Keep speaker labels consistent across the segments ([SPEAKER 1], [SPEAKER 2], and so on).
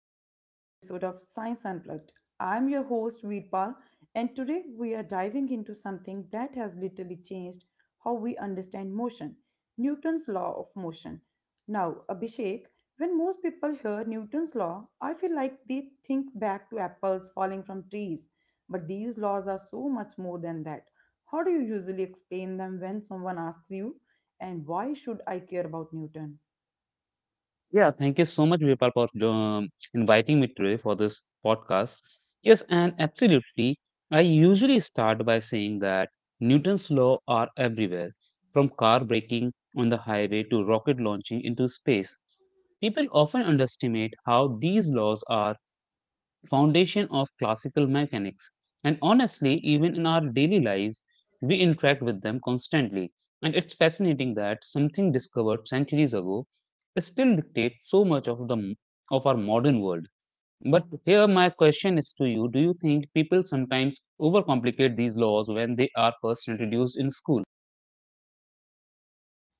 [SPEAKER 1] to another episode of Science Unplugged. I'm your host, Veerpal, and today we are diving into something that has literally changed how we understand motion. Newton's law of motion. Now, Abhishek, when most people hear Newton's law, I feel like they think back to apples falling from trees. But these laws are so much more than that. How do you usually explain them when someone asks you, and why should I care about Newton?
[SPEAKER 2] Yeah, thank you so much, Vipal, for inviting me today for this podcast. Yes, and absolutely. I usually start by saying that Newton's law are everywhere, from car braking on the highway to rocket launching into space. People often underestimate how these laws are foundation of classical mechanics. And honestly, even in our daily lives, we interact with them constantly. And it's fascinating that something discovered centuries ago still dictates so much of the of our modern world. But here my question is to you, do you think people sometimes overcomplicate these laws when they are first introduced in school?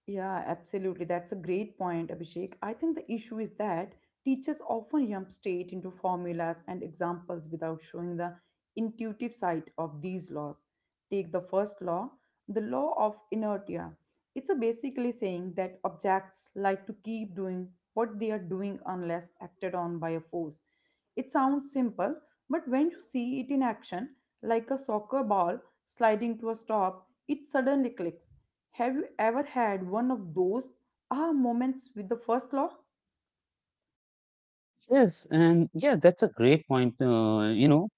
[SPEAKER 1] Yeah, absolutely. That's a great point, Abhishek. I think the issue is that teachers often jump straight into formulas and examples without showing the intuitive side of these laws. Take the first law, the law of inertia. It's a basically saying that objects like to keep doing what they are doing unless acted on by a force. It sounds simple, but when you see it in action, like a soccer ball sliding to a stop, it suddenly clicks. Have you ever had one of those aha moments with the first law?
[SPEAKER 2] Yes, and yeah, that's a great point. You know,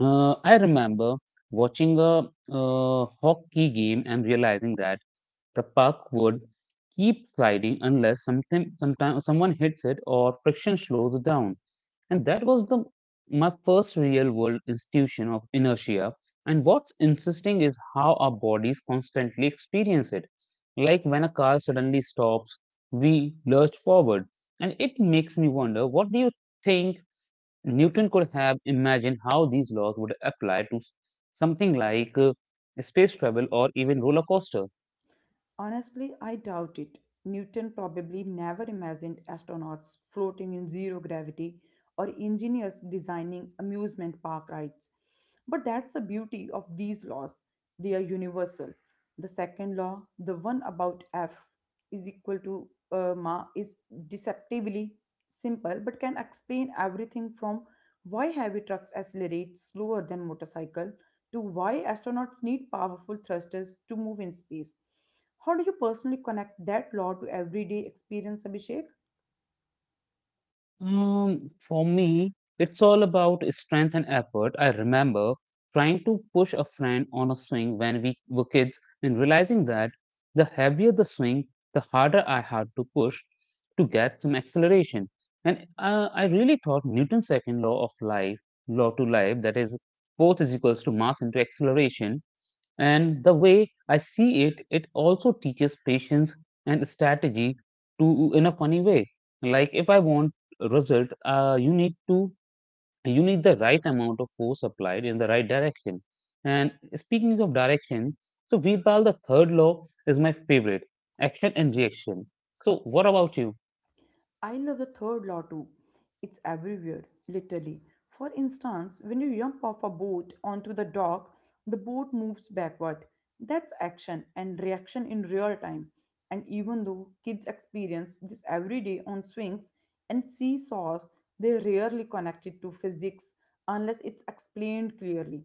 [SPEAKER 2] I remember watching a hockey game and realizing that the puck would keep sliding unless someone hits it or friction slows it down. And that was the my first real world institution of inertia. And what's interesting is how our bodies constantly experience it. Like when a car suddenly stops, we lurch forward. And it makes me wonder, what do you think? Newton could have imagined how these laws would apply to something like space travel or even roller coaster?
[SPEAKER 1] Honestly, I doubt it. Newton probably never imagined astronauts floating in zero gravity or engineers designing amusement park rides. But that's the beauty of these laws. They are universal. The second law, the one about F is equal to ma, is deceptively simple but can explain everything from why heavy trucks accelerate slower than motorcycle to why astronauts need powerful thrusters to move in space. How do you personally connect that law to everyday experience, Abhishek?
[SPEAKER 2] For me, it's all about strength and effort. I remember trying to push a friend on a swing when we were kids and realizing that the heavier the swing, the harder I had to push to get some acceleration. And I really thought Newton's second law of life, law to life, that is, force is equals to mass into acceleration, and the way I see it, it also teaches patience and strategy to in a funny way. Like if I want a result, you need the right amount of force applied in the right direction. And speaking of direction, so Veerpal, the third law is my favorite, action and reaction. So what about you?
[SPEAKER 1] I love the third law too. It's everywhere, literally. For instance, when you jump off a boat onto the dock, the boat moves backward. That's action and reaction in real time. And even though kids experience this every day on swings and seesaws, they rarely connect it to physics unless it's explained clearly.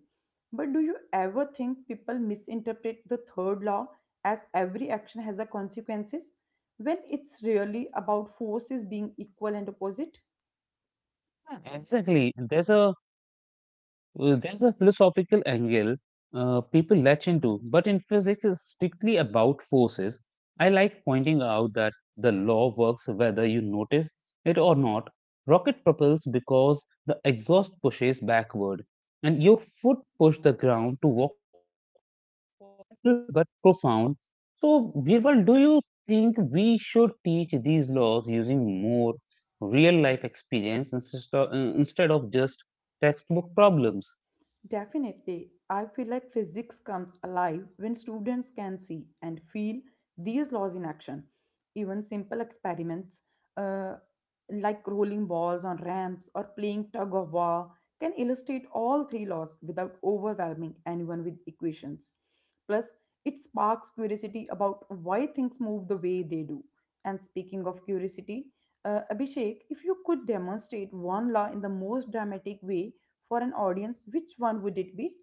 [SPEAKER 1] But do you ever think people misinterpret the third law as every action has a consequences, when it's really about forces being equal and opposite?
[SPEAKER 2] Yeah, exactly. There's a Well, there's a philosophical angle people latch into, but in physics, it's strictly about forces. I like pointing out that the law works whether you notice it or not. Rocket propels because the exhaust pushes backward, and your foot push the ground to walk, little but profound. So, Birbal, do you think we should teach these laws using more real life experience instead of instead of just textbook problems?
[SPEAKER 1] Definitely. I feel like physics comes alive when students can see and feel these laws in action. Even simple experiments uh, like rolling balls on ramps or playing tug of war can illustrate all three laws without overwhelming anyone with equations. Plus, it sparks curiosity about why things move the way they do. And speaking of curiosity, Abhishek, if you could demonstrate one law in the most dramatic way for an audience, which one would it be?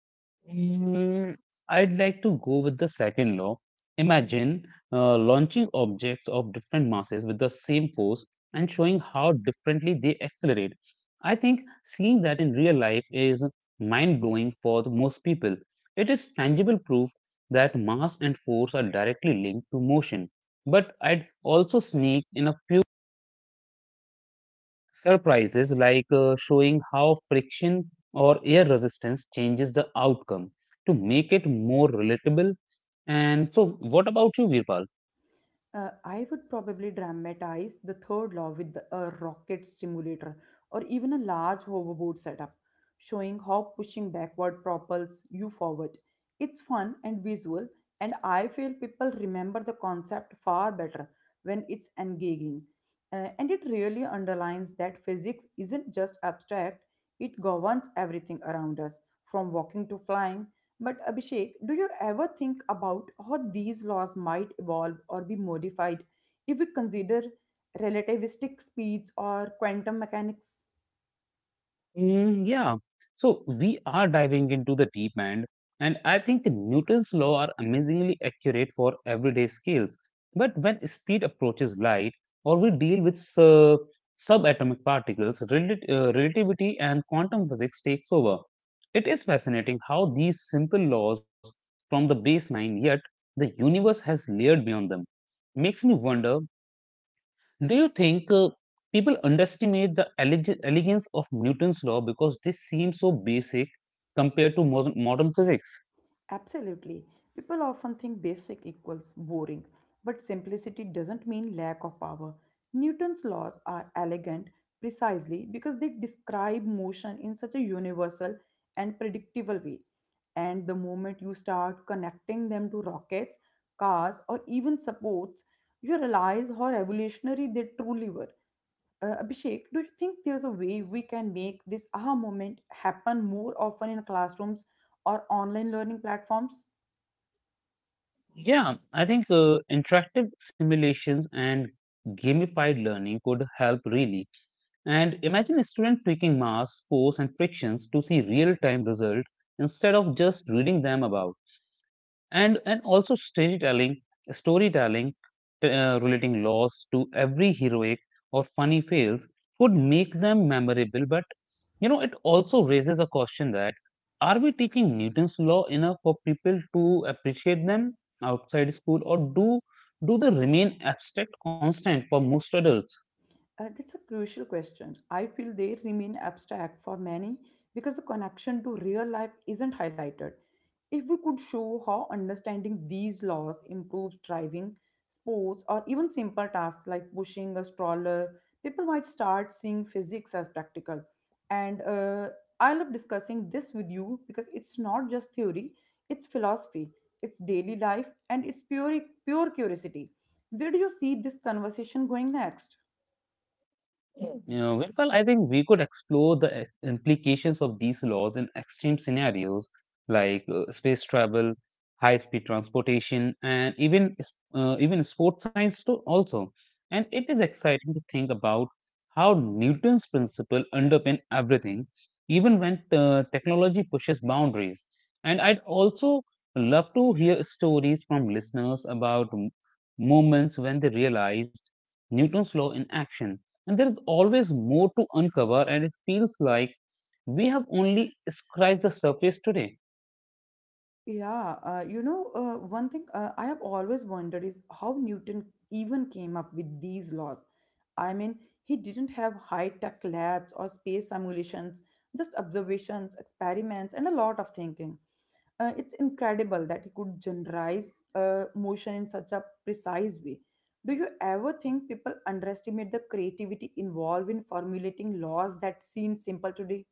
[SPEAKER 2] Mm, I'd like to go with the second law. Imagine launching objects of different masses with the same force and showing how differently they accelerate. I think seeing that in real life is mind blowing for the most people. It is tangible proof that mass and force are directly linked to motion. But I'd also sneak in a few surprises, like showing how friction or air resistance changes the outcome to make it more relatable. And so, what about you, Virpal?
[SPEAKER 1] I would probably dramatize the third law with a rocket simulator or even a large hoverboard setup, showing how pushing backward propels you forward. It's fun and visual, and I feel people remember the concept far better when it's engaging. And it really underlines that physics isn't just abstract, it governs everything around us, from walking to flying. But Abhishek, do you ever think about how these laws might evolve or be modified if we consider relativistic speeds or quantum mechanics?
[SPEAKER 2] Mm, yeah. So we are diving into the deep end, and I think Newton's law are amazingly accurate for everyday scales. But when speed approaches light, or we deal with subatomic particles, relativity and quantum physics takes over. It is fascinating how these simple laws from the baseline, yet the universe has layered beyond them. Makes me wonder, do you think people underestimate the elegance of Newton's law because this seems so basic compared to modern physics?
[SPEAKER 1] Absolutely. People often think basic equals boring, but simplicity doesn't mean lack of power. Newton's laws are elegant precisely because they describe motion in such a universal and predictable way. And the moment you start connecting them to rockets, cars, or even supports, you realize how revolutionary they truly were. Abhishek, do you think there's a way we can make this aha moment happen more often in classrooms or online learning platforms?
[SPEAKER 2] Yeah, I think interactive simulations and gamified learning could help really. And imagine a student tweaking mass, force, and frictions to see real time results instead of just reading them about. And also storytelling, relating loss to every heroic or funny fails would make them memorable. But you know, it also raises a question that are we teaching Newton's law enough for people to appreciate them outside school, or do they remain abstract constant for most adults?
[SPEAKER 1] That's a crucial question. I feel they remain abstract for many because the connection to real life isn't highlighted. If we could show how understanding these laws improves driving, sports, or even simple tasks like pushing a stroller, people might start seeing physics as practical. And I love discussing this with you because it's not just theory, it's philosophy, it's daily life, and it's pure curiosity. Where do you see this conversation going next?
[SPEAKER 2] Yeah, well, I think we could explore the implications of these laws in extreme scenarios like space travel, high-speed transportation, and even even sports science too also. And it is exciting to think about how Newton's principle underpin everything, even when technology pushes boundaries. And I'd also love to hear stories from listeners about moments when they realized Newton's law in action. And there is always more to uncover, and it feels like we have only scratched the surface today.
[SPEAKER 1] Yeah, one thing I have always wondered is how Newton even came up with these laws. I mean, he didn't have high-tech labs or space simulations, just observations, experiments, and a lot of thinking. It's incredible that he could generalize motion in such a precise way. Do you ever think people underestimate the creativity involved in formulating laws that seem simple today?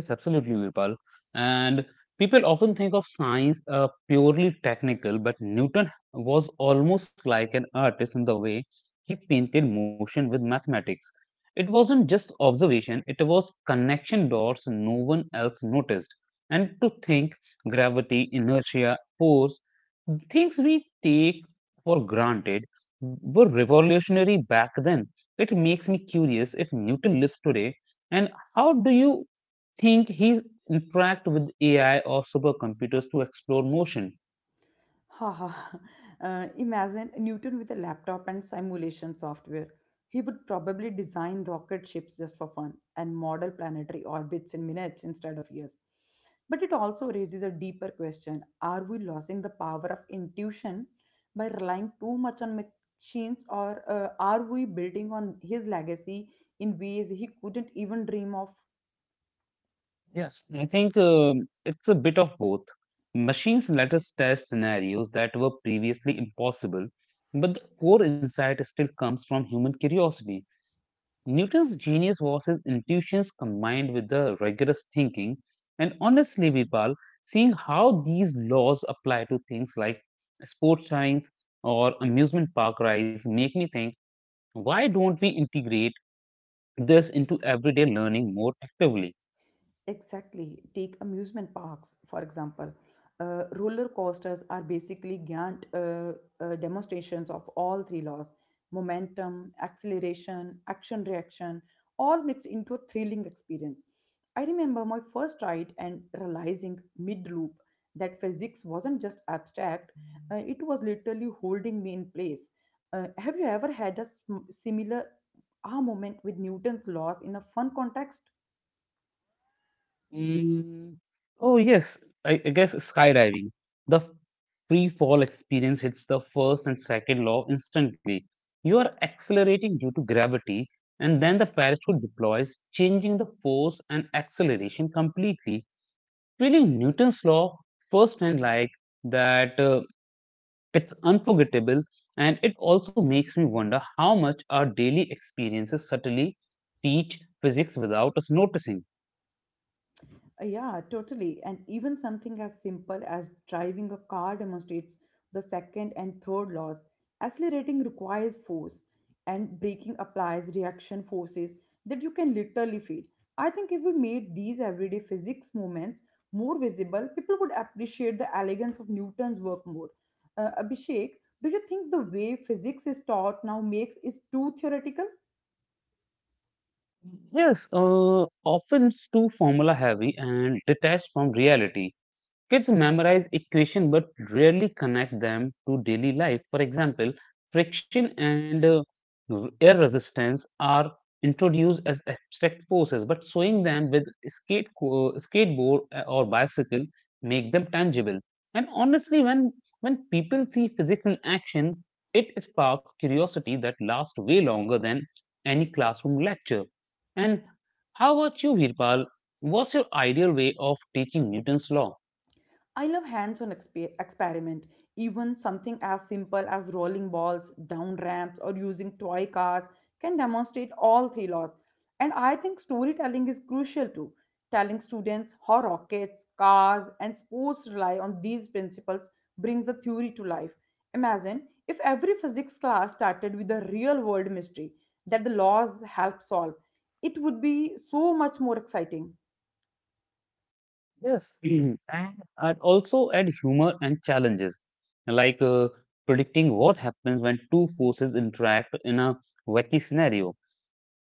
[SPEAKER 2] Yes, absolutely, Virpal. And people often think of science purely technical, but Newton was almost like an artist in the way he painted motion with mathematics. It wasn't just observation, it was connection dots no one else noticed. And to think, gravity, inertia, force, things we take for granted were revolutionary back then. It makes me curious, if Newton lives today, and how do you think he's interact with AI or supercomputers to explore motion?
[SPEAKER 1] Haha, imagine Newton with a laptop and simulation software. He would probably design rocket ships just for fun and model planetary orbits in minutes instead of years. But it also raises a deeper question. Are we losing the power of intuition by relying too much on machines, or are we building on his legacy in ways he couldn't even dream of?
[SPEAKER 2] Yes. I think it's a bit of both. Machines let us test scenarios that were previously impossible, but the core insight still comes from human curiosity. Newton's genius was his intuitions combined with the rigorous thinking. And honestly, Vipal, seeing how these laws apply to things like sports science or amusement park rides make me think, why don't we integrate this into everyday learning more actively.
[SPEAKER 1] Exactly. Take amusement parks, for example. Roller coasters are basically giant demonstrations of all three laws: momentum, acceleration, action reaction, all mixed into a thrilling experience. I remember my first ride and realizing mid loop that physics wasn't just abstract, it was literally holding me in place. Have you ever had a similar aha moment with Newton's laws in a fun context?
[SPEAKER 2] Mm, oh, yes, I guess skydiving. The free fall experience hits the first and second law instantly. You are accelerating due to gravity, and then the parachute deploys, changing the force and acceleration completely. Really, Newton's law first and like that. It's unforgettable, and it also makes me wonder how much our daily experiences subtly teach physics without us noticing.
[SPEAKER 1] Yeah, totally. And even something as simple as driving a car demonstrates the second and third laws. Accelerating requires force, and braking applies reaction forces that you can literally feel. I think if we made these everyday physics moments more visible, people would appreciate the elegance of Newton's work more. Abhishek, do you think the way physics is taught now makes is too theoretical?
[SPEAKER 2] Yes, often it's too formula heavy and detached from reality. Kids memorize equation but rarely connect them to daily life. For example, friction and air resistance are introduced as abstract forces, but showing them with skateboard or bicycle make them tangible. And honestly, when people see physics in action, it sparks curiosity that lasts way longer than any classroom lecture. And how about you, Virpal? What's your ideal way of teaching Newton's law?
[SPEAKER 1] I love hands on experiment. Even something as simple as rolling balls, down ramps, or using toy cars can demonstrate all three laws. And I think storytelling is crucial too. Telling students how rockets, cars, and sports rely on these principles brings the theory to life. Imagine if every physics class started with a real world mystery that the laws help solve, it would be so much more exciting.
[SPEAKER 2] Yes, mhm. And I'd also add humor and challenges, like predicting what happens when two forces interact in a wacky scenario.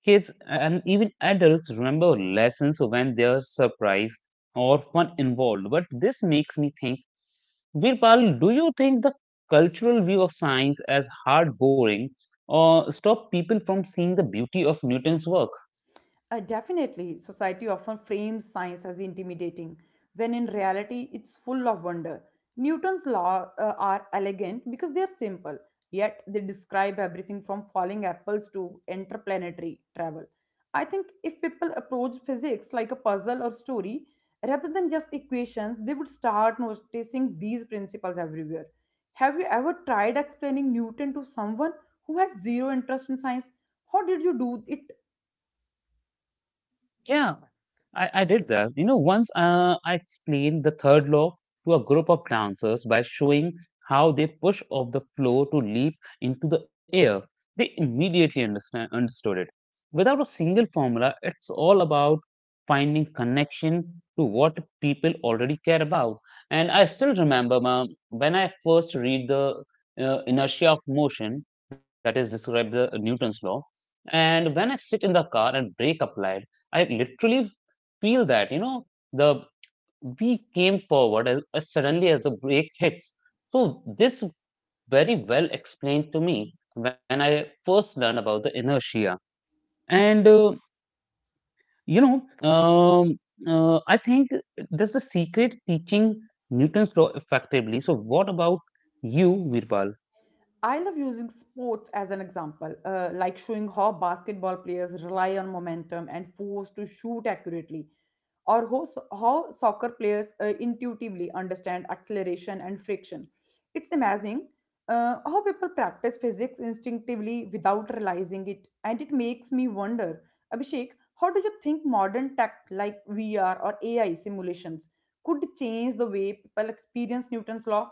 [SPEAKER 2] Kids and even adults remember lessons when there's surprise or fun involved. But this makes me think, Birpal, do you think the cultural view of science as hard boring or stop people from seeing the beauty of Newton's work?
[SPEAKER 1] Definitely, society often frames science as intimidating, when in reality, it's full of wonder. Newton's laws are elegant because they are simple, yet they describe everything from falling apples to interplanetary travel. I think if people approach physics like a puzzle or story, rather than just equations, they would start noticing these principles everywhere. Have you ever tried explaining Newton to someone who had zero interest in science? How did you do it?
[SPEAKER 2] Yeah, I did that. You know, once I explained the third law to a group of dancers by showing how they push off the floor to leap into the air. They immediately understood it. Without a single formula, it's all about finding connection to what people already care about. And I still remember ma'am, when I first read the inertia of motion that is described the Newton's law, and when I sit in the car and brake applied. I literally feel that, you know, the we came forward as suddenly as the break hits. So this very well explained to me when I first learned about the inertia. And you know, um, I think that's the secret teaching Newton's law effectively. So what about you, Virpal?
[SPEAKER 1] I love using sports as an example, like showing how basketball players rely on momentum and force to shoot accurately, or how soccer players intuitively understand acceleration and friction. It's amazing how people practice physics instinctively without realizing it, and it makes me wonder, Abhishek, how do you think modern tech like VR or AI simulations could change the way people experience Newton's law?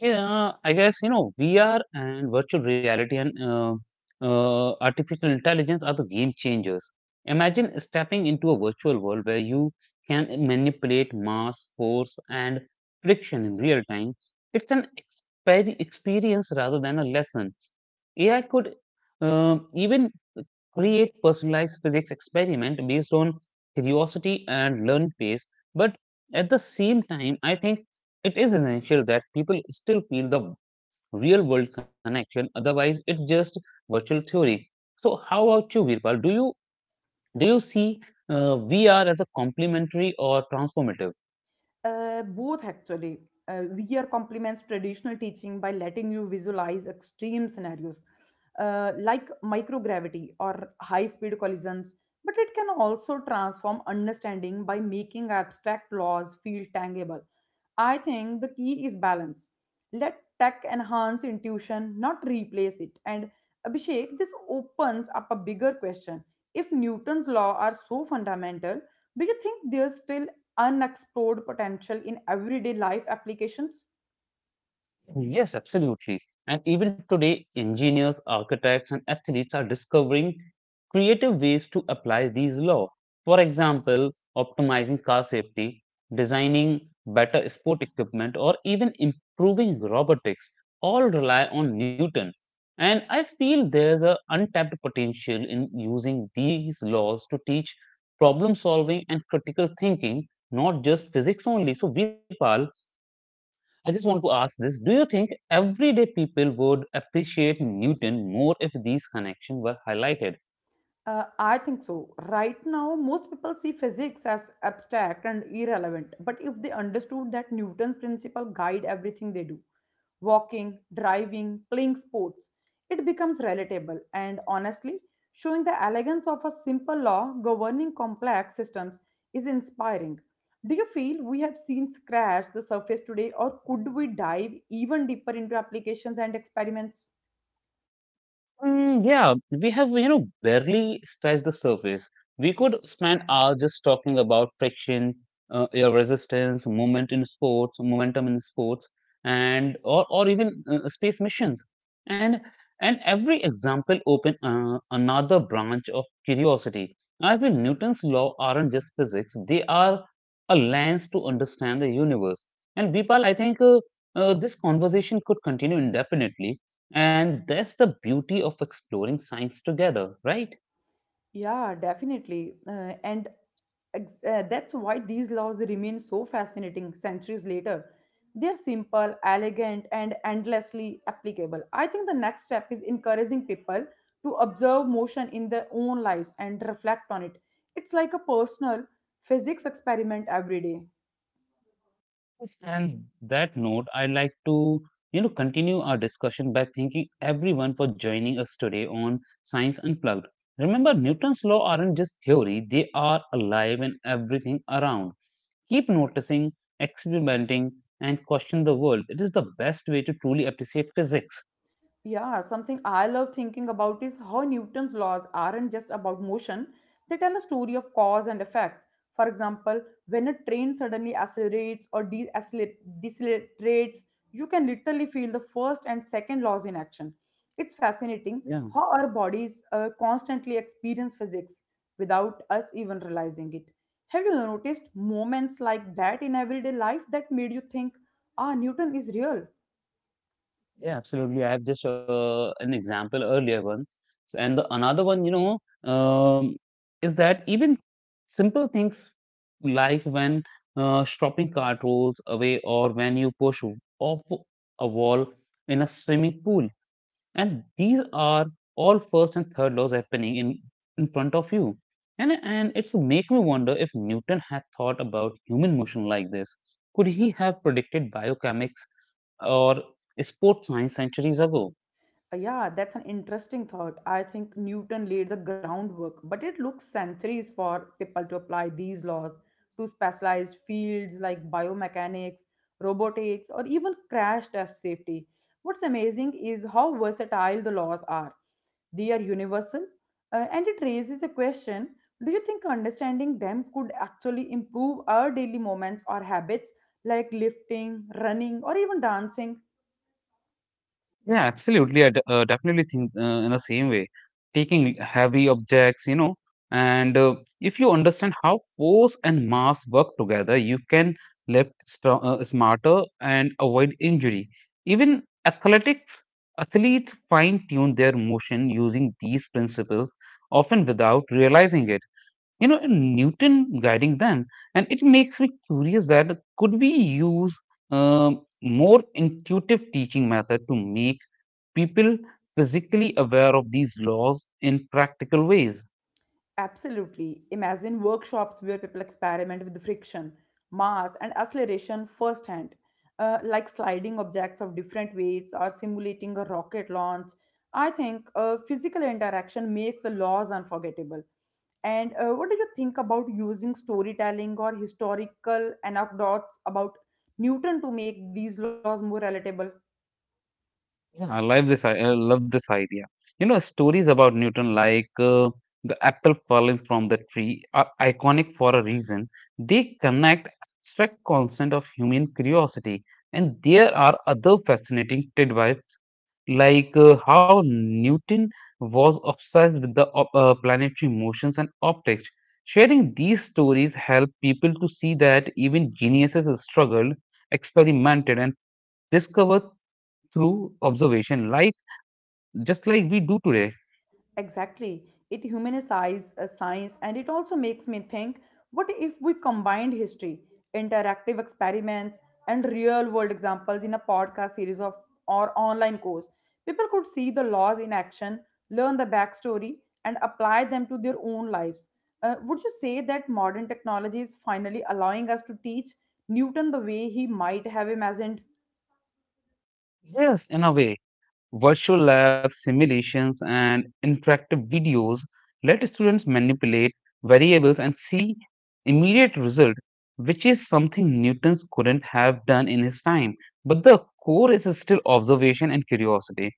[SPEAKER 2] Yeah, I guess you know, VR and virtual reality and artificial intelligence are the game changers. Imagine stepping into a virtual world where you can manipulate mass, force, and friction in real time. It's an experience rather than a lesson. AI could even create personalized physics experiment based on curiosity and learn pace. But at the same time, I think it is essential that people still feel the real world connection, otherwise, it's just virtual theory. So, how about you, Virpal? Do you see VR as a complementary or transformative?
[SPEAKER 1] Both actually. VR complements traditional teaching by letting you visualize extreme scenarios like microgravity or high speed collisions, but it can also transform understanding by making abstract laws feel tangible. I think the key is balance. Let tech enhance intuition, not replace it. And Abhishek, this opens up a bigger question. If Newton's law are so fundamental, do you think there's still unexplored potential in everyday life applications?
[SPEAKER 2] Yes, absolutely. And even today, engineers, architects, and athletes are discovering creative ways to apply these laws. For example, optimizing car safety, designing better sport equipment, or even improving robotics all rely on Newton. And I feel there's a untapped potential in using these laws to teach problem solving and critical thinking, not just physics only. So, Virpal, I just want to ask this. Do you think everyday people would appreciate Newton more if these connections were highlighted?
[SPEAKER 1] I think so. Right now, most people see physics as abstract and irrelevant, but if they understood that Newton's principle guide everything they do, walking, driving, playing sports, it becomes relatable and honestly, showing the elegance of a simple law governing complex systems is inspiring. Do you feel we have seen scratch the surface today, or could we dive even deeper into applications and experiments?
[SPEAKER 2] Mm, yeah, we have, you know, barely scratched the surface. We could spend hours just talking about friction, your resistance, movement in sports, momentum in sports, and or even space missions. And every example open another branch of curiosity. I feel Newton's law aren't just physics; they are a lens to understand the universe. And Vipal, I think this conversation could continue indefinitely, and that's the beauty of exploring science together, right?
[SPEAKER 1] Yeah, definitely. That's why these laws remain so fascinating centuries later. They're simple, elegant, and endlessly applicable. I think the next step is encouraging people to observe motion in their own lives and reflect on it. It's like a personal physics experiment every day.
[SPEAKER 2] Yes, and that note, I'd like to, you know, continue our discussion by thanking everyone for joining us today on Science Unplugged. Remember, Newton's law aren't just theory, they are alive in everything around. Keep noticing, experimenting, and question the world. It is the best way to truly appreciate physics.
[SPEAKER 1] Yeah, something I love thinking about is how Newton's laws aren't just about motion, they tell a story of cause and effect. For example, when a train suddenly decelerates, you can literally feel the first and second laws in action. It's fascinating
[SPEAKER 2] Yeah.
[SPEAKER 1] how our bodies constantly experience physics without us even realizing it. Have you noticed moments like that in everyday life that made you think, ah, Newton is real?
[SPEAKER 2] Yeah, absolutely. I have just an example earlier one, and the another one, um, is that even simple things like when shopping cart rolls away or when you push off a wall in a swimming pool, and these are all first and third laws happening in front of you, and it's make me wonder if Newton had thought about human motion like this, could he have predicted biochemics or sports science centuries ago?
[SPEAKER 1] Yeah, that's an interesting thought. I think Newton laid the groundwork, but it looks centuries for people to apply these laws to specialized fields like biomechanics, robotics, or even crash test safety. What's amazing is how versatile the laws are. They are universal, and it raises a question: do you think understanding them could actually improve our daily moments or habits like lifting, running, or even dancing?
[SPEAKER 2] Yeah, absolutely. Definitely think in the same way. Taking heavy objects, you know, and if you understand how force and mass work together, you can lift strong, smarter, and avoid injury. Even athletics, athletes fine tune their motion using these principles, often without realizing it. You know, and Newton guiding them. And it makes me curious that could we use more intuitive teaching method to make people physically aware of these laws in practical ways?
[SPEAKER 1] Absolutely. Imagine workshops where people experiment with friction, mass, and acceleration firsthand, like sliding objects of different weights or simulating a rocket launch. I think physical interaction makes the laws unforgettable. And what do you think about using storytelling or historical anecdotes about Newton to make these laws more relatable?
[SPEAKER 2] Yeah, I love this. I love this idea. You know, stories about Newton, like the apple falling from the tree, are iconic for a reason. They connect abstract constant of human curiosity, and there are other fascinating tidbits like how Newton was obsessed with the planetary motions and optics. Sharing these stories help people to see that even geniuses struggled, experimented, and discovered through observation, just like we do today.
[SPEAKER 1] Exactly. It humanizes a science and it also makes me think, what if we combined history, interactive experiments, and real world examples in a podcast series of or online course? People could see the laws in action, learn the backstory, and apply them to their own lives. Would you say that modern technology is finally allowing us to teach Newton the way he might have imagined?
[SPEAKER 2] Yes, in a way. Virtual labs, simulations, and interactive videos let students manipulate variables and see immediate result, which is something Newton's couldn't have done in his time. But the core is still observation and curiosity.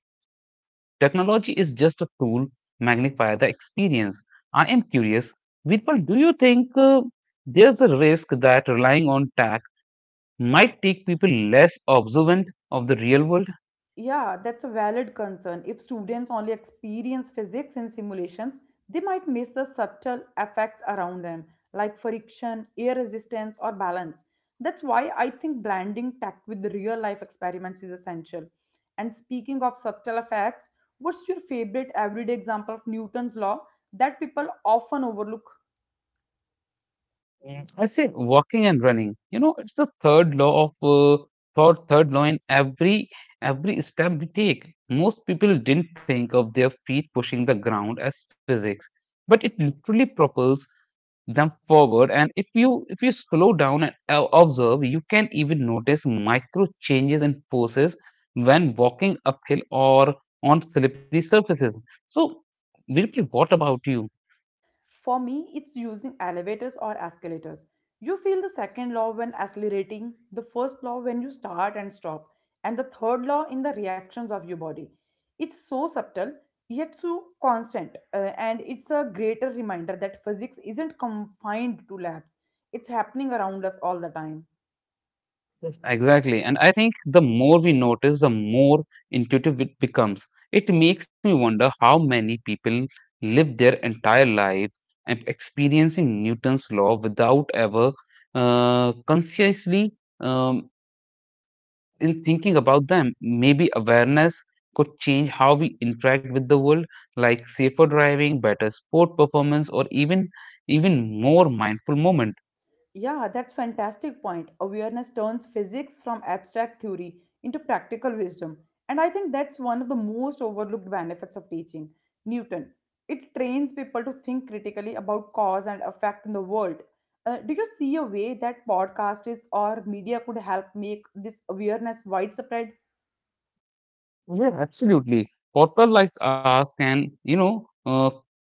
[SPEAKER 2] Technology is just a tool magnify the experience. I am curious, Virpal, do you think there's a risk that relying on tech might take people less observant of the real world?
[SPEAKER 1] Yeah, that's a valid concern. If students only experience physics in simulations, they might miss the subtle effects around them, like friction, air resistance, or balance. That's why I think blending tech with real life experiments is essential. And speaking of subtle effects, what's your favorite everyday example of Newton's law that people often overlook?
[SPEAKER 2] Mm, I say walking and running. You know, it's the third law of third law in every step we take. Most people didn't think of their feet pushing the ground as physics, but it literally propels them forward. And if you slow down and observe, you can even notice micro changes in forces when walking uphill or on slippery surfaces. So, Virpal, what about you?
[SPEAKER 1] For me, it's using elevators or escalators. You feel the second law when accelerating, the first law when you start and stop, and the third law in the reactions of your body. It's so subtle, yet so constant, and it's a greater reminder that physics isn't confined to labs, it's happening around us all the time.
[SPEAKER 2] Yes, exactly. And I think the more we notice, the more intuitive it becomes. It makes me wonder how many people live their entire life and experiencing Newton's law without ever consciously um, in thinking about them. Maybe awareness could change how we interact with the world, like safer driving, better sport performance, or even more mindful moments.
[SPEAKER 1] Yeah, that's fantastic point. Awareness turns physics from abstract theory into practical wisdom. And I think that's one of the most overlooked benefits of teaching Newton. It trains people to think critically about cause and effect in the world. Do you see a way that podcast is or media could help make this awareness widespread?
[SPEAKER 2] Yeah, absolutely. People like us can, you know,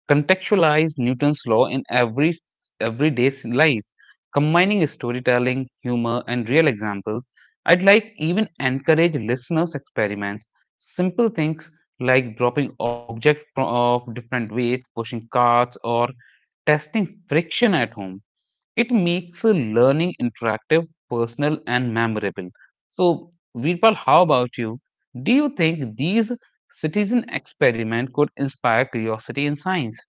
[SPEAKER 2] contextualize Newton's law in everyday's life, combining storytelling, humor, and real examples. I'd like even encourage listeners experiments, simple things like dropping objects of different weight, pushing carts, or testing friction at home. It makes learning interactive, personal, and memorable. So, Veerpal, how about you? Do you think these citizen experiment could inspire curiosity in science?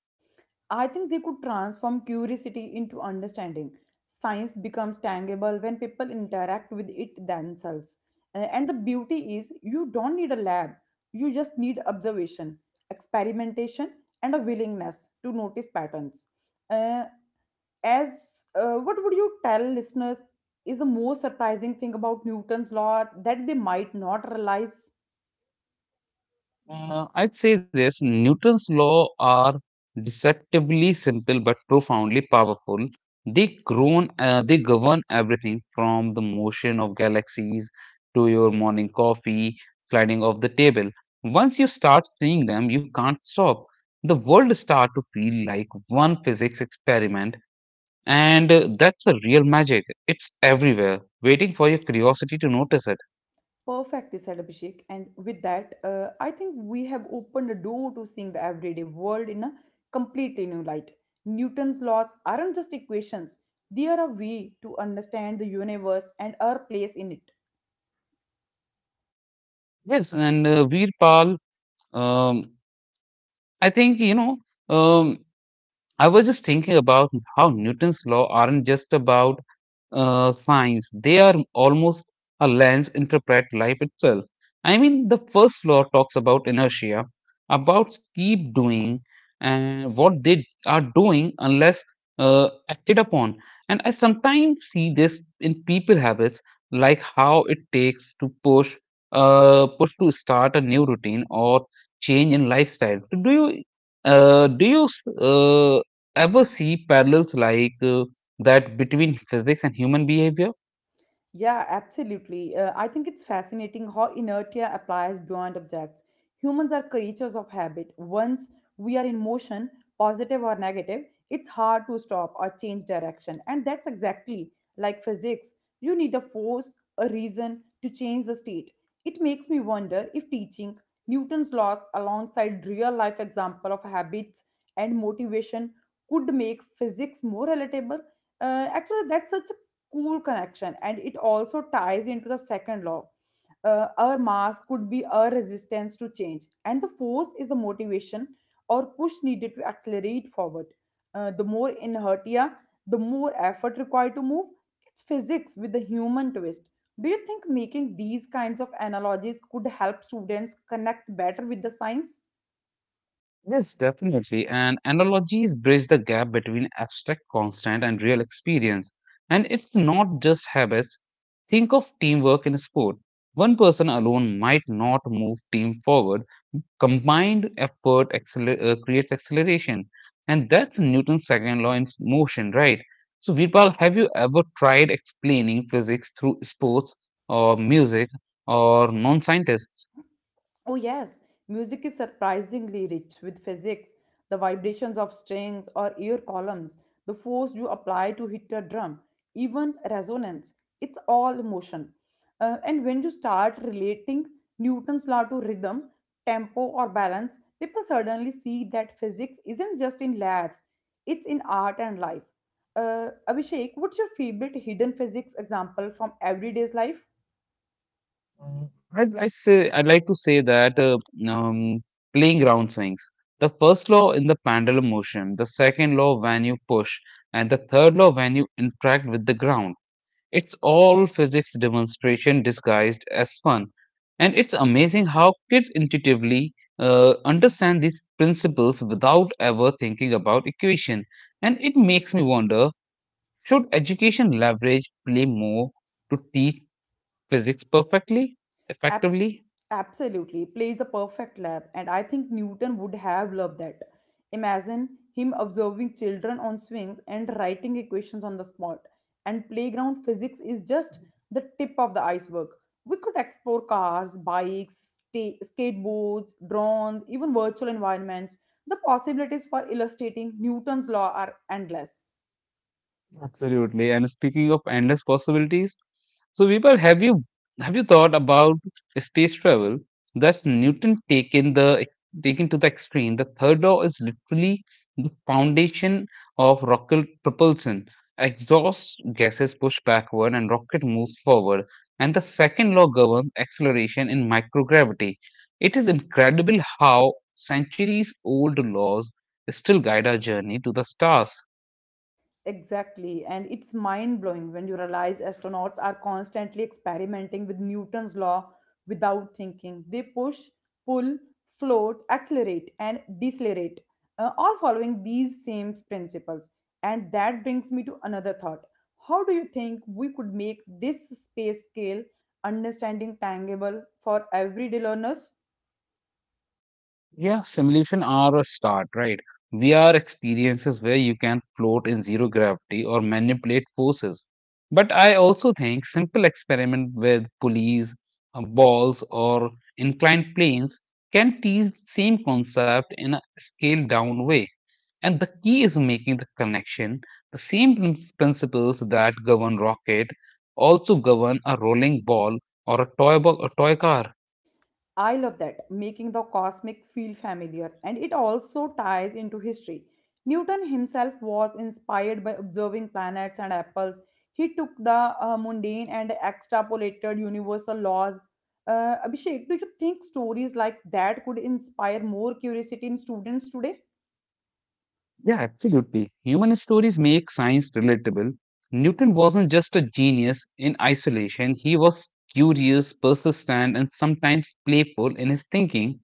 [SPEAKER 1] I think they could transform curiosity into understanding. Science becomes tangible when people interact with it themselves. And the beauty is, you don't need a lab, you just need observation, experimentation, and a willingness to notice patterns. Uh, as What would you tell listeners is the most surprising thing about Newton's law that they might not realize?
[SPEAKER 2] I'd say this Newton's law are deceptively simple but profoundly powerful. They govern everything from the motion of galaxies to your morning coffee, sliding off the table. Once you start seeing them, you can't stop. The world start to feel like one physics experiment, and that's a real magic. It's everywhere, waiting for your curiosity to notice it.
[SPEAKER 1] Perfectly said, Abhishek. And with that, I think we have opened a door to seeing the everyday world in a completely new light. Newton's laws aren't just equations, they are a way to understand the universe and our place in it.
[SPEAKER 2] Yes, and Veerpal. Um, I think, um, I was just thinking about how Newton's law aren't just about science, they are almost a lens interpret life itself. I mean, the first law talks about inertia, about keep doing and what they are doing unless acted upon. And I sometimes see this in people habits, like how it takes to push, push to start a new routine or change in lifestyle. Do you uh, do you s- uh, ever see parallels like that between physics and human behavior?
[SPEAKER 1] Yeah, absolutely. I think it's fascinating how inertia applies beyond objects. Humans are creatures of habit. Once we are in motion, positive or negative, it's hard to stop or change direction. And that's exactly like physics. You need a force, a reason to change the state. It makes me wonder if teaching Newton's laws alongside real life example of habits and motivation could make physics more relatable. Actually, that's such cool connection, and it also ties into the second law. Our mass could be our resistance to change, and the force is the motivation or push needed to accelerate forward. The more inertia, the more effort required to move. It's physics with the human twist. Do you think making these kinds of analogies could help students connect better with the science?
[SPEAKER 2] Yes, definitely. And analogies bridge the gap between abstract constant and real experience. And it's not just habits. Think of teamwork in a sport. One person alone might not move team forward, combined effort creates acceleration, and that's Newton's second law in motion, right? So, Virpal, have you ever tried explaining physics through sports or music or non-scientists?
[SPEAKER 1] Oh, yes, music is surprisingly rich with physics, the vibrations of strings or ear columns, the force you apply to hit a drum, even resonance. It's all motion. And when you start relating Newton's law to rhythm, tempo, or balance, people suddenly see that physics isn't just in labs, it's in art and life. Abhishek, what's your favorite hidden physics example from everyday's life?
[SPEAKER 2] Mm, I'd, I say I'd like to say that um, playing ground swings. The first law in the pendulum motion, the second law when you push, and the third law when you interact with the ground. It's all physics demonstration disguised as fun. And it's amazing how kids intuitively understand these principles without ever thinking about equation. And it makes me wonder, should education leverage play more to teach physics perfectly,
[SPEAKER 1] Ab-
[SPEAKER 2] effectively?
[SPEAKER 1] absolutely, plays a perfect lab, and I think Newton would have loved that. Imagine him observing children on swings and writing equations on the spot. And playground physics is just the tip of the iceberg. We could explore cars, bikes, skateboards, drones, even virtual environments. The possibilities for illustrating Newton's law are endless.
[SPEAKER 2] Absolutely. And speaking of endless possibilities, so Vipul, have you thought about space travel? That's Newton taken to the extreme. The third law is literally the foundation of rocket propulsion. Exhaust gases push backward and rocket moves forward. And the second law governs acceleration in microgravity. It is incredible how centuries old laws still guide our journey to the stars.
[SPEAKER 1] Exactly, and it's mind blowing when you realize astronauts are constantly experimenting with Newton's law without thinking. They push, pull, float, accelerate, and decelerate, all following these same principles. And that brings me to another thought. How do you think we could make this space scale understanding tangible for everyday learners?
[SPEAKER 2] Yeah, simulation are a start, right? VR experiences where you can float in zero gravity or manipulate forces. But I also think simple experiment with pulleys, balls, or inclined planes can teach same concept in a scaled down way. And the key is making the connection. The same principles that govern rocket also govern a rolling ball or a toy car.
[SPEAKER 1] I love that, making the cosmic feel familiar, and it also ties into history. Newton himself was inspired by observing planets and apples. He took the mundane and extrapolated universal laws. Abhishek, do you think stories like that could inspire more curiosity in students today?
[SPEAKER 2] Yeah, absolutely. Human stories make science relatable. Newton wasn't just a genius in isolation, he was curious, persistent, and sometimes playful in his thinking.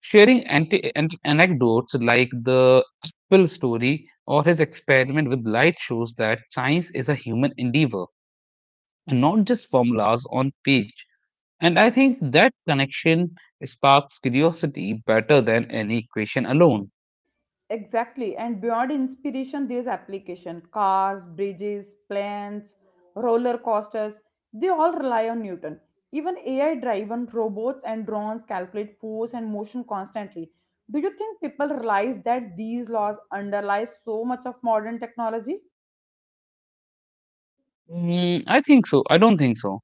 [SPEAKER 2] Sharing anecdotes like the apple story or his experiment with light shows that science is a human endeavor and not just formulas on page. And I think that connection sparks curiosity better than any equation alone.
[SPEAKER 1] Exactly. And beyond inspiration, there's application. Cars, bridges, planes, roller coasters, they all rely on Newton. Even AI driven robots and drones calculate force and motion constantly. Do you think people realize that these laws underlie so much of modern technology?
[SPEAKER 2] Mm, I think so. I don't think so.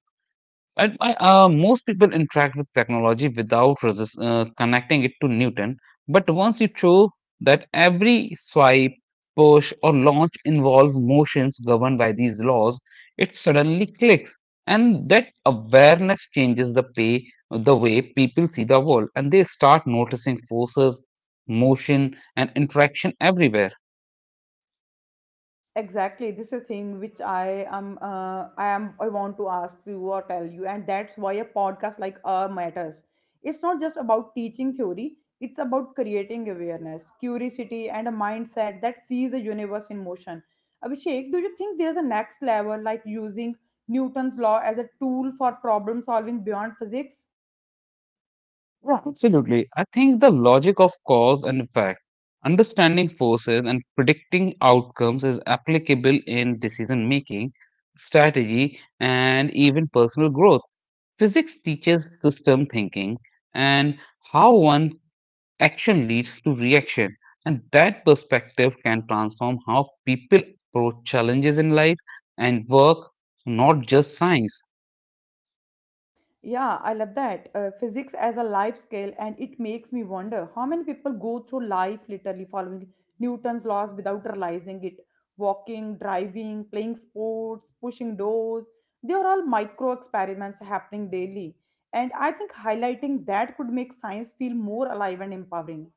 [SPEAKER 2] And I, most people interact with technology without connecting it to Newton. But once you show that every swipe, push, or launch involves motions governed by these laws, it suddenly clicks. And that awareness changes the way people see the world. And they start noticing forces, motion, and interaction everywhere.
[SPEAKER 1] Exactly, this is thing which I want to ask you or tell you, and that's why a podcast like matters. It's not just about teaching theory, it's about creating awareness, curiosity, and a mindset that sees the universe in motion. Abhishek, do you think there's a next level, like using Newton's law as a tool for problem solving beyond physics?
[SPEAKER 2] Yeah, absolutely. I think the logic of cause and effect, understanding forces and predicting outcomes is applicable in decision making, strategy, and even personal growth. Physics teaches system thinking and how one action leads to reaction. And that perspective can transform how people approach challenges in life and work, not just science.
[SPEAKER 1] Yeah, I love that. Physics as a life scale, and it makes me wonder how many people go through life literally following Newton's laws without realizing it. Walking, driving, playing sports, pushing doors. They are all micro experiments happening daily. And I think highlighting that could make science feel more alive and empowering.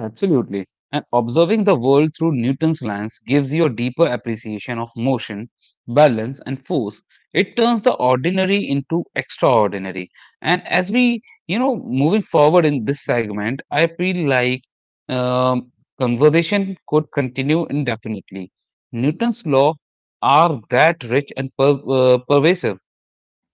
[SPEAKER 2] Absolutely. And observing the world through Newton's lens gives you a deeper appreciation of motion, balance, and force. It turns the ordinary into extraordinary. And as we, you know, moving forward in this segment, I feel like um, conversation could continue indefinitely. Newton's law are that rich and pervasive.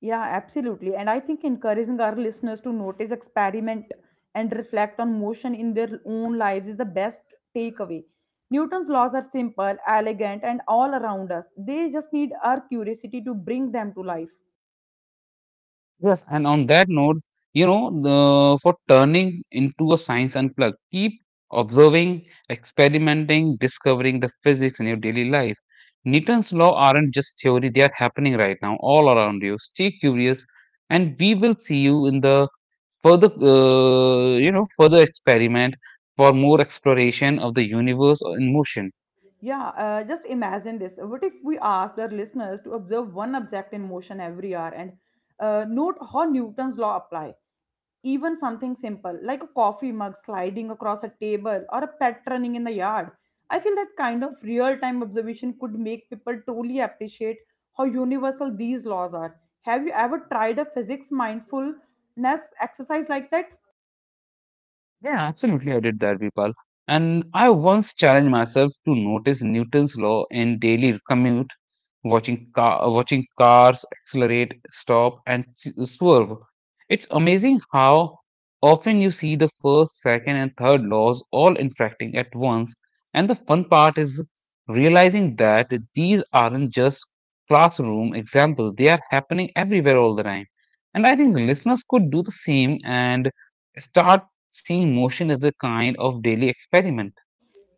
[SPEAKER 1] Yeah, absolutely. And I think encouraging our listeners to notice, experiment, and reflect on motion in their own lives is the best takeaway. Newton's laws are simple, elegant, and all around us. They just need our curiosity to bring them to life.
[SPEAKER 2] Yes, and on that note, you know, the, for turning into a science unplugged, keep observing, experimenting, discovering the physics in your daily life. Newton's law aren't just theory, they are happening right now all around you. Stay curious, and we will see you in the further, further experiment for more exploration of the universe in motion.
[SPEAKER 1] Yeah, just imagine this. What if we asked our listeners to observe one object in motion every hour and note how Newton's law applies? Even something simple like a coffee mug sliding across a table or a pet running in the yard. I feel that kind of real time observation could make people truly appreciate how universal these laws are. Have you ever tried a physics mindfulness exercise like that?
[SPEAKER 2] Yeah, absolutely. I did that, Vipal. And I once challenged myself to notice Newton's law in daily commute, watching cars accelerate, stop, and swerve. It's amazing how often you see the first, second, and third laws all interacting at once. And the fun part is realizing that these aren't just classroom examples; they are happening everywhere all the time. And I think listeners could do the same and start seeing motion as a kind of daily experiment.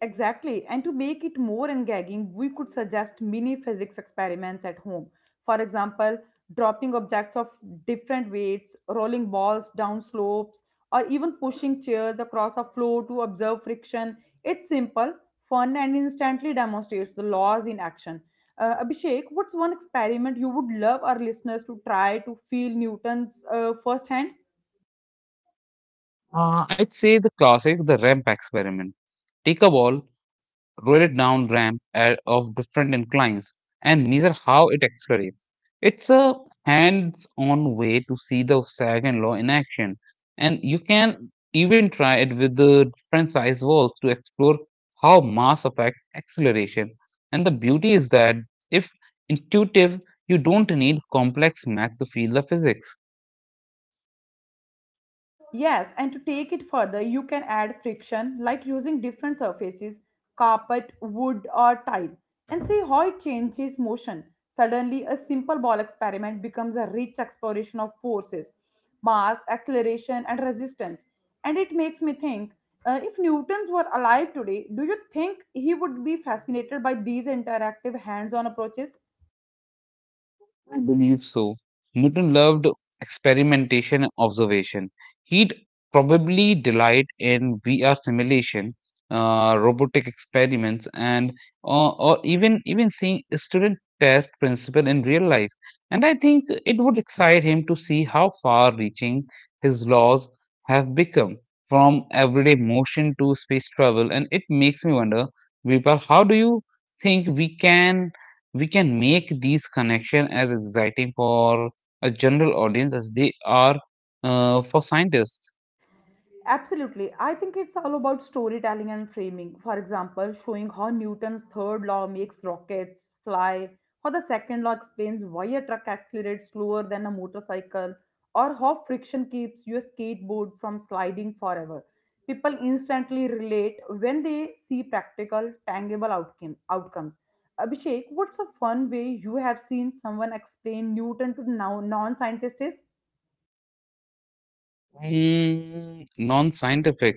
[SPEAKER 1] Exactly. And to make it more engaging, we could suggest mini physics experiments at home. For example, dropping objects of different weights, rolling balls down slopes, or even pushing chairs across a floor to observe friction. It's simple, fun, and instantly demonstrates the laws in action. Abhishek, what's one experiment you would love our listeners to try to feel Newton's firsthand?
[SPEAKER 2] I'd say the classic, the ramp experiment. Take a ball, roll it down of different inclines, and measure how it accelerates. It's a hands-on way to see the second law in action, and you can even try it with the different size walls to explore how mass affect acceleration. And the beauty is that if intuitive, you don't need complex math to feel the physics.
[SPEAKER 1] Yes, and to take it further, you can add friction like using different surfaces, carpet, wood, or tile, and see how it changes motion. Suddenly, a simple ball experiment becomes a rich exploration of forces, mass, acceleration, and resistance. And it makes me think, if Newton's were alive today, do you think he would be fascinated by these interactive hands on approaches?
[SPEAKER 2] I believe so. Newton loved experimentation and observation. He'd probably delight in VR simulation, robotic experiments, and or even seeing a student test principle in real life. And I think it would excite him to see how far-reaching his laws have become, from everyday motion to space travel. And it makes me wonder, Vipar, how do you think we can? We can make these connections as exciting for a general audience as they are for scientists,
[SPEAKER 1] Absolutely. I think it's all about storytelling and framing. For example, showing how Newton's third law makes rockets fly, how the second law explains why a truck accelerates slower than a motorcycle, or how friction keeps your skateboard from sliding forever. People instantly relate when they see practical, tangible outcomes. Abhishek, what's a fun way you have seen someone explain Newton to non scientists?
[SPEAKER 2] mm, non scientific.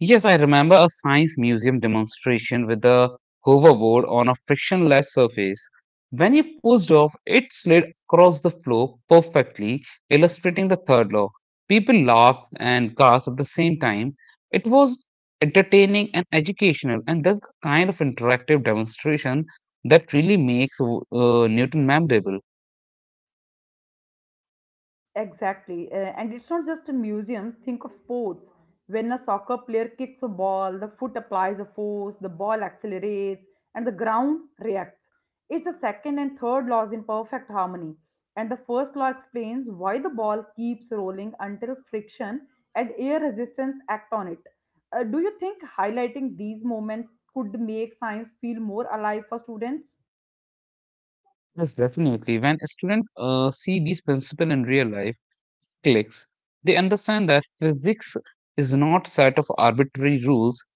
[SPEAKER 2] Yes, I remember a science museum demonstration with a hoverboard on a frictionless surface. When he pushed off, it slid across the floor perfectly, illustrating the third law. People laughed and gasped at the same time. It was entertaining and educational, and that's the kind of interactive demonstration that really makes Newton memorable.
[SPEAKER 1] Exactly. And it's not just in museums. Think of sports. When a soccer player kicks a ball, the foot applies a force, the ball accelerates, and the ground reacts. It's a second and third laws in perfect harmony. And the first law explains why the ball keeps rolling until friction and air resistance act on it. Do you think highlighting these moments could make science feel more alive for students?
[SPEAKER 2] Yes, definitely. When a student see these principles in real life, clicks, they understand that physics is not a set of arbitrary rules,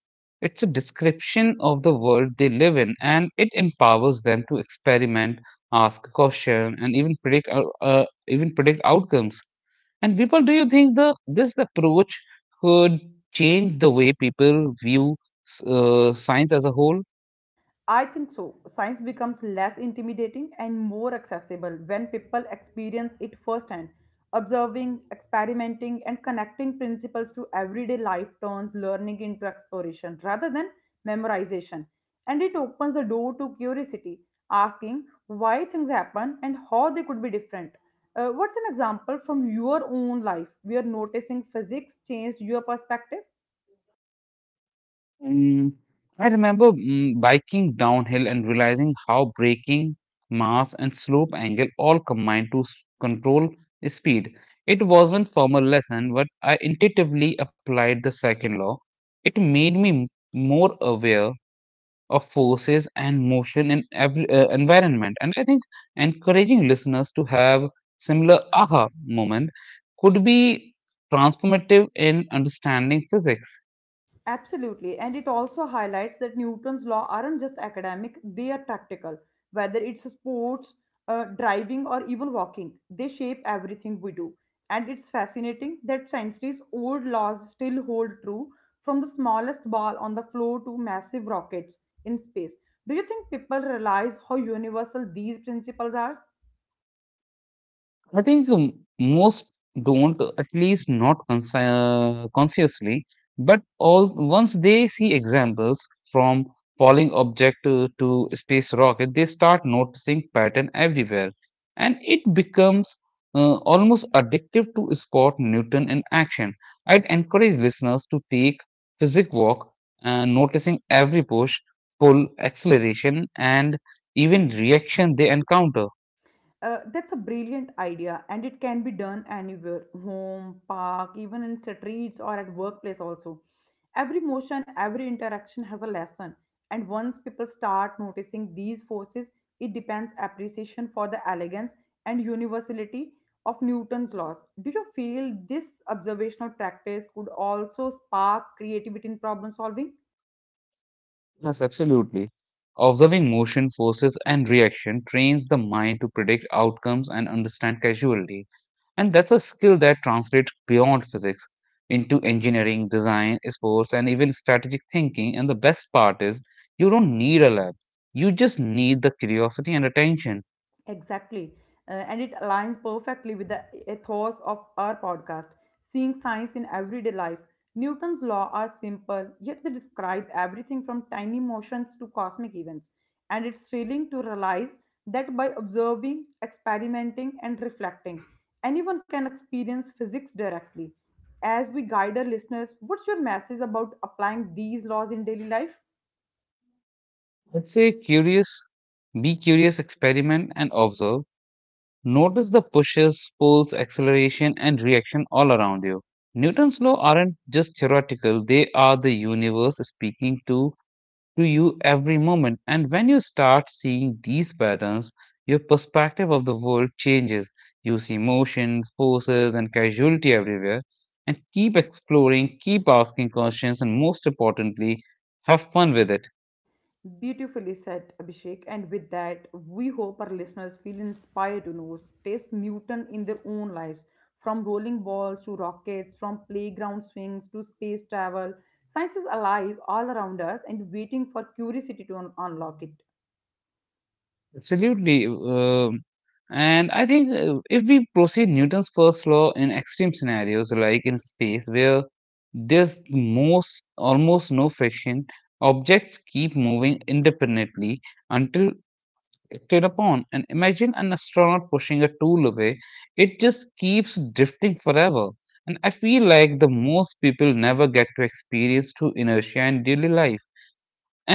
[SPEAKER 2] it's a description of the world they live in, and it empowers them to experiment, ask questions, and even predict outcomes. And people, do you think the this approach could change the way people view science as a whole?
[SPEAKER 1] I think so. Science becomes less intimidating and more accessible when people experience it firsthand. Observing, experimenting, and connecting principles to everyday life turns learning into exploration rather than memorization. And it opens the door to curiosity, asking why things happen and how they could be different. What's an example from your own life where noticing physics changed your perspective?
[SPEAKER 2] Mm, I remember biking downhill and realizing how braking, mass, and slope angle all combine to control speed. It wasn't formal lesson, but I intuitively applied the second law. It made me more aware of forces and motion in every environment, and encouraging listeners to have similar aha moment could be transformative in understanding physics.
[SPEAKER 1] Absolutely. And it also highlights that Newton's law aren't just academic, they are practical. Whether it's sports, driving, or even walking, they shape everything we do. And it's fascinating that centuries old laws still hold true from the smallest ball on the floor to massive rockets in space. Do you think people realize how universal these principles are?
[SPEAKER 2] I think most don't, at least not consciously, but all once they see examples from falling object to space rocket, they start noticing pattern everywhere, and it becomes almost addictive to spot Newton in action. I'd encourage listeners to take physics walk, noticing every push, pull, acceleration, and even reaction they encounter.
[SPEAKER 1] That's a brilliant idea, and it can be done anywhere, home, park, even in streets or at workplace, also. Every motion, every interaction has a lesson. And once people start noticing these forces, it depends appreciation for the elegance and universality of Newton's laws. Do you feel this observational practice could also spark creativity in problem solving?
[SPEAKER 2] Yes, absolutely. Observing motion, forces, and reaction trains the mind to predict outcomes and understand causality. And that's a skill that translates beyond physics into engineering, design, sports, and even strategic thinking. And the best part is, you don't need a lab. You just need the curiosity and attention.
[SPEAKER 1] Exactly. And it aligns perfectly with the ethos of our podcast, seeing science in everyday life. Newton's laws are simple, yet they describe everything from tiny motions to cosmic events. And it's thrilling to realize that by observing, experimenting, and reflecting, anyone can experience physics directly. As we guide our listeners, what's your message about applying these laws in daily life?
[SPEAKER 2] Let's say curious, be curious, experiment, and observe. Notice the pushes, pulls, acceleration, and reaction all around you. Newton's laws aren't just theoretical, they are the universe speaking to you every moment. And when you start seeing these patterns, your perspective of the world changes. You see motion, forces, and casualty everywhere. And keep exploring, keep asking questions, and most importantly, have fun with it.
[SPEAKER 1] Beautifully said, Abhishek. And with that, we hope our listeners feel inspired to know, taste Newton in their own lives. From rolling balls to rockets, from playground swings to space travel, science is alive all around us and waiting for curiosity to unlock it.
[SPEAKER 2] Absolutely. And I think if we proceed Newton's first law in extreme scenarios, like in space, where there's most almost no friction, objects keep moving independently until acted upon. And imagine an astronaut pushing a tool away, it just keeps drifting forever. And I feel like the most people never get to experience true inertia in daily life,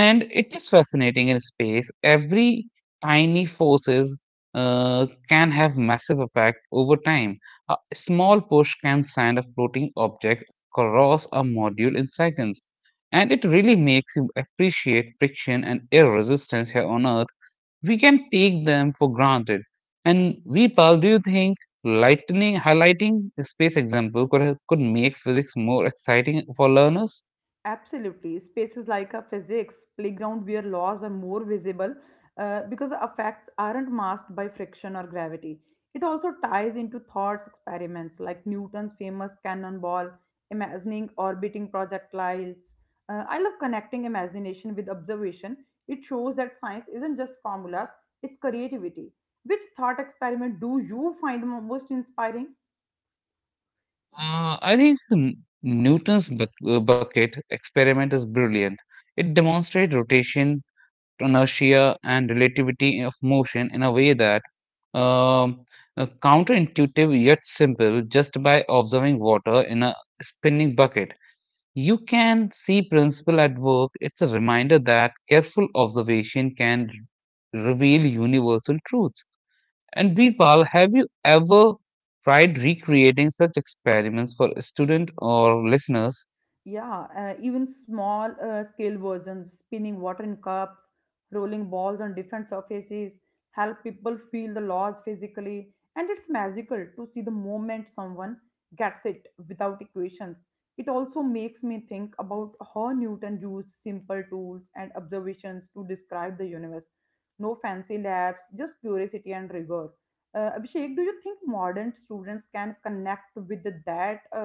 [SPEAKER 2] and it is fascinating in space. Every tiny forces can have massive effect over time. A small push can send a floating object across a module in seconds, and it really makes you appreciate friction and air resistance here on earth. We can take them for granted, and we, do you think lightning highlighting the space example could make physics more exciting for learners?
[SPEAKER 1] Absolutely. Spaces like a physics playground where laws are more visible because the effects aren't masked by friction or gravity. It also ties into thoughts experiments like Newton's famous cannonball, imagining orbiting projectiles. I love connecting imagination with observation. It shows that science isn't just formulas, it's creativity. Which thought experiment do you find most inspiring?
[SPEAKER 2] I think Newton's bucket experiment is brilliant. It demonstrates rotation, inertia, and relativity of motion in a way that um, counterintuitive yet simple, just by observing water in a spinning bucket. You can see principle at work. It's a reminder that careful observation can reveal universal truths. And Birpal, have you ever tried recreating such experiments for student or listeners?
[SPEAKER 1] Yeah, even small scale versions, spinning water in cups, rolling balls on different surfaces, help people feel the laws physically. And it's magical to see the moment someone gets it without equations. It also makes me think about how Newton used simple tools and observations to describe the universe. No fancy labs, just curiosity and rigor. Abhishek, do you think modern students can connect with that uh,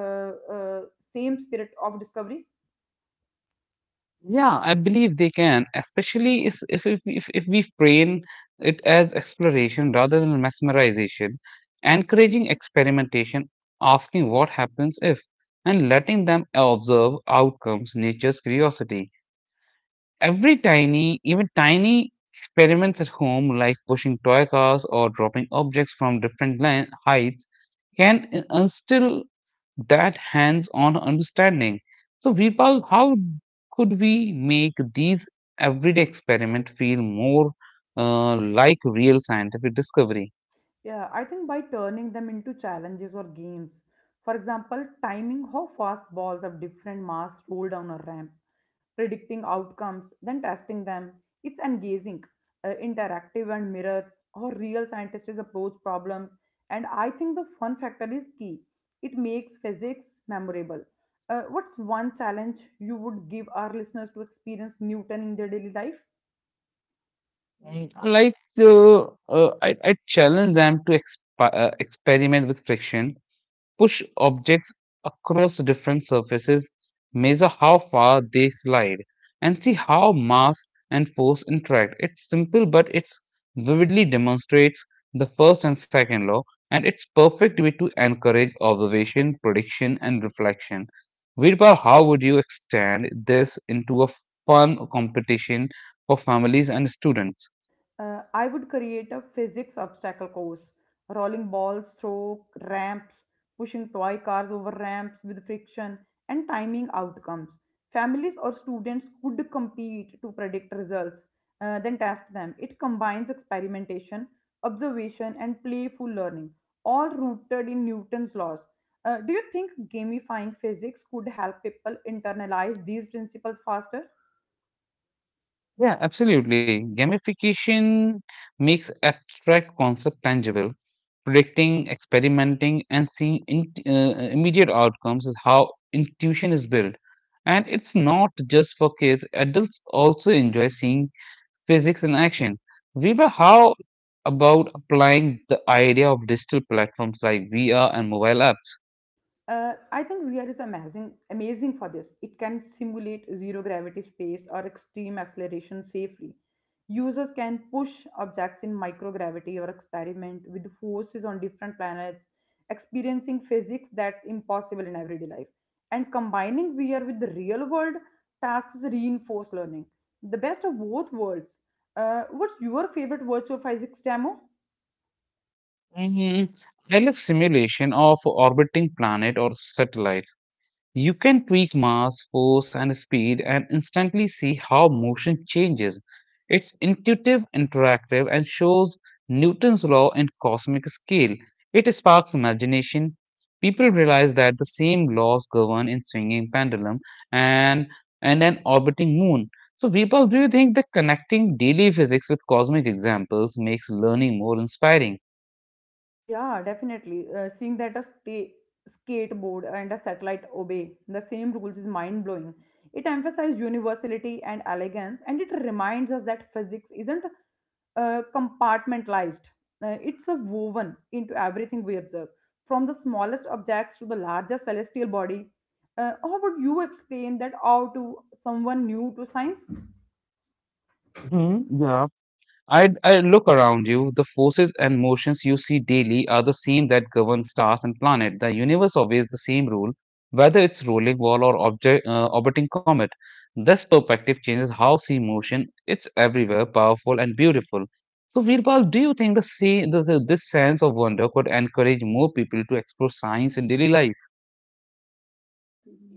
[SPEAKER 1] uh, same spirit of discovery?
[SPEAKER 2] Yeah, I believe they can, especially if we frame it as exploration rather than mesmerization, encouraging experimentation, asking what happens if, and letting them observe outcomes, nature's curiosity. Every tiny, even tiny experiments at home, like pushing toy cars or dropping objects from different heights, can instill that hands on understanding. So, Vipal, how could we make these everyday experiments feel more like real scientific discovery?
[SPEAKER 1] Yeah, I think by turning them into challenges or games. For example, timing how fast balls of different mass roll down a ramp, predicting outcomes, then testing them. It's engaging, interactive, and mirrors how real scientists approach problems. And I think the fun factor is key. It makes physics memorable. What's one challenge you would give our listeners to experience Newton in their daily life?
[SPEAKER 2] Like, I challenge them to experiment with friction, push objects across different surfaces, measure how far they slide, and see how mass and force interact. It's simple, but it vividly demonstrates the first and second law, and it's perfect way to encourage observation, prediction, and reflection. Virpal, how would you extend this into a fun competition for families and students?
[SPEAKER 1] I would create a physics obstacle course, rolling balls through ramps, pushing toy cars over ramps with friction, and timing outcomes. Families or students could compete to predict results, then test them. It combines experimentation, observation, and playful learning, all rooted in Newton's laws. Do you think gamifying physics could help people internalize these principles faster?
[SPEAKER 2] Yeah, absolutely. Gamification makes abstract concept tangible. Predicting, experimenting, and seeing immediate outcomes is how intuition is built. And it's not just for kids, adults also enjoy seeing physics in action. Viva, how about applying the idea of digital platforms like VR and mobile apps?
[SPEAKER 1] I think VR is amazing for this. It can simulate zero gravity space or extreme acceleration safely. Users can push objects in microgravity or experiment with forces on different planets, experiencing physics that's impossible in everyday life. And combining VR with the real world tasks reinforce learning. The best of both worlds. What's your favorite virtual physics demo?
[SPEAKER 2] Hmm. I love simulation of orbiting planet or satellites. You can tweak mass, force, and speed, and instantly see how motion changes. It's intuitive, interactive, and shows Newton's law in cosmic scale. It sparks imagination. People realize that the same laws govern in swinging pendulum and and an orbiting moon. So, Vipal, do you think that connecting daily physics with cosmic examples makes learning more inspiring?
[SPEAKER 1] Yeah, definitely. Seeing that a skateboard and a satellite obey the same rules is mind blowing. It emphasizes universality and elegance, and it reminds us that physics isn't compartmentalized. It's a woven into everything we observe, from the smallest objects to the largest celestial body. How would you explain that out to someone new to science?
[SPEAKER 2] Mhm, yeah. I look around you. The forces and motions you see daily are the same that govern stars and planets. The universe obeys the same rule, whether it's rolling ball or object orbiting comet. This perspective changes how see motion. It's everywhere, powerful and beautiful. So, Veerpal, do you think this sense of wonder could encourage more people to explore science in daily life?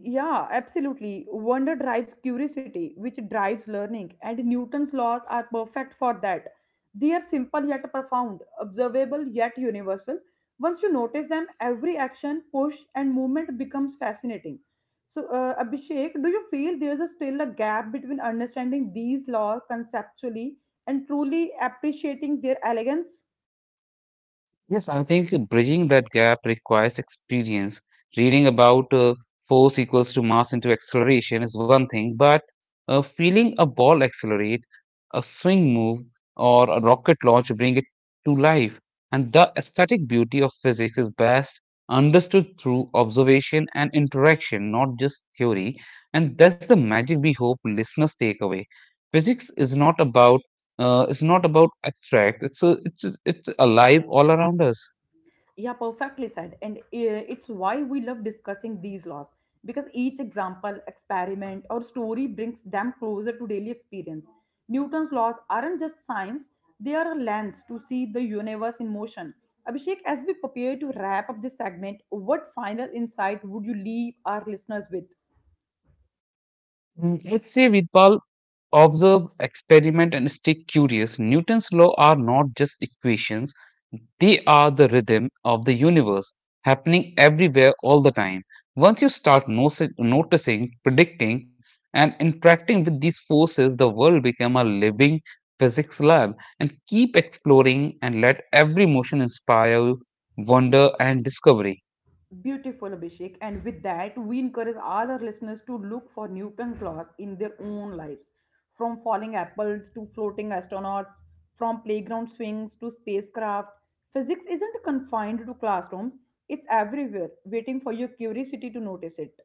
[SPEAKER 1] Yeah, absolutely. Wonder drives curiosity, which drives learning, and Newton's laws are perfect for that. They are simple yet profound, observable yet universal. Once you notice them, every action, push, and movement becomes fascinating. So, Abhishek, do you feel there's a still a gap between understanding these laws conceptually and truly appreciating their elegance?
[SPEAKER 2] Yes, I think bridging that gap requires experience. Reading about force equals to mass into acceleration is one thing, but feeling a ball accelerate, a swing move, or a rocket launch bring it to life. And the aesthetic beauty of physics is best understood through observation and interaction, not just theory. And that's the magic we hope listeners take away. Physics is not about it's not about abstract. It's it's alive all around us.
[SPEAKER 1] Yeah, perfectly said. And it's why we love discussing these laws because each example, experiment, or story brings them closer to daily experience. Newton's laws aren't just science, they are a lens to see the universe in motion. Abhishek, as we prepare to wrap up this segment, what final insight would you leave our listeners with?
[SPEAKER 2] Let's say we call observe, experiment, and stay curious. Newton's law are not just equations, they are the rhythm of the universe happening everywhere all the time. Once you start noticing, predicting, and interacting with these forces, the world become a living physics lab, and keep exploring and let every motion inspire you wonder and discovery.
[SPEAKER 1] Beautiful, Abhishek. And with that, we encourage all our listeners to look for Newton's laws in their own lives. From falling apples to floating astronauts, from playground swings to spacecraft, physics isn't confined to classrooms, it's everywhere, waiting for your curiosity to notice it.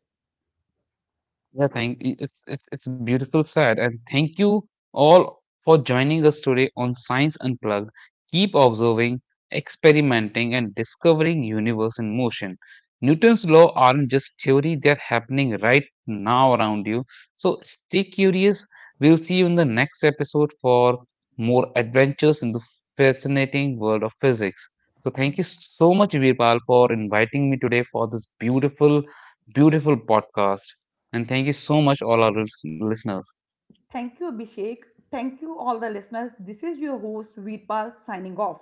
[SPEAKER 2] Yeah, it's it's beautiful side, and thank you all for joining us today on Science Unplugged. Keep observing, experimenting, and discovering universe in motion. Newton's law aren't just theory; they're happening right now around you. So stay curious. We'll see you in the next episode for more adventures in the fascinating world of physics. So thank you so much, Virpal, for inviting me today for this beautiful, beautiful podcast. And thank you so much, all our listeners.
[SPEAKER 1] Thank you, Abhishek. Thank you, all the listeners. This is your host, Veerpal, signing off.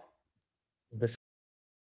[SPEAKER 2] This is your co host,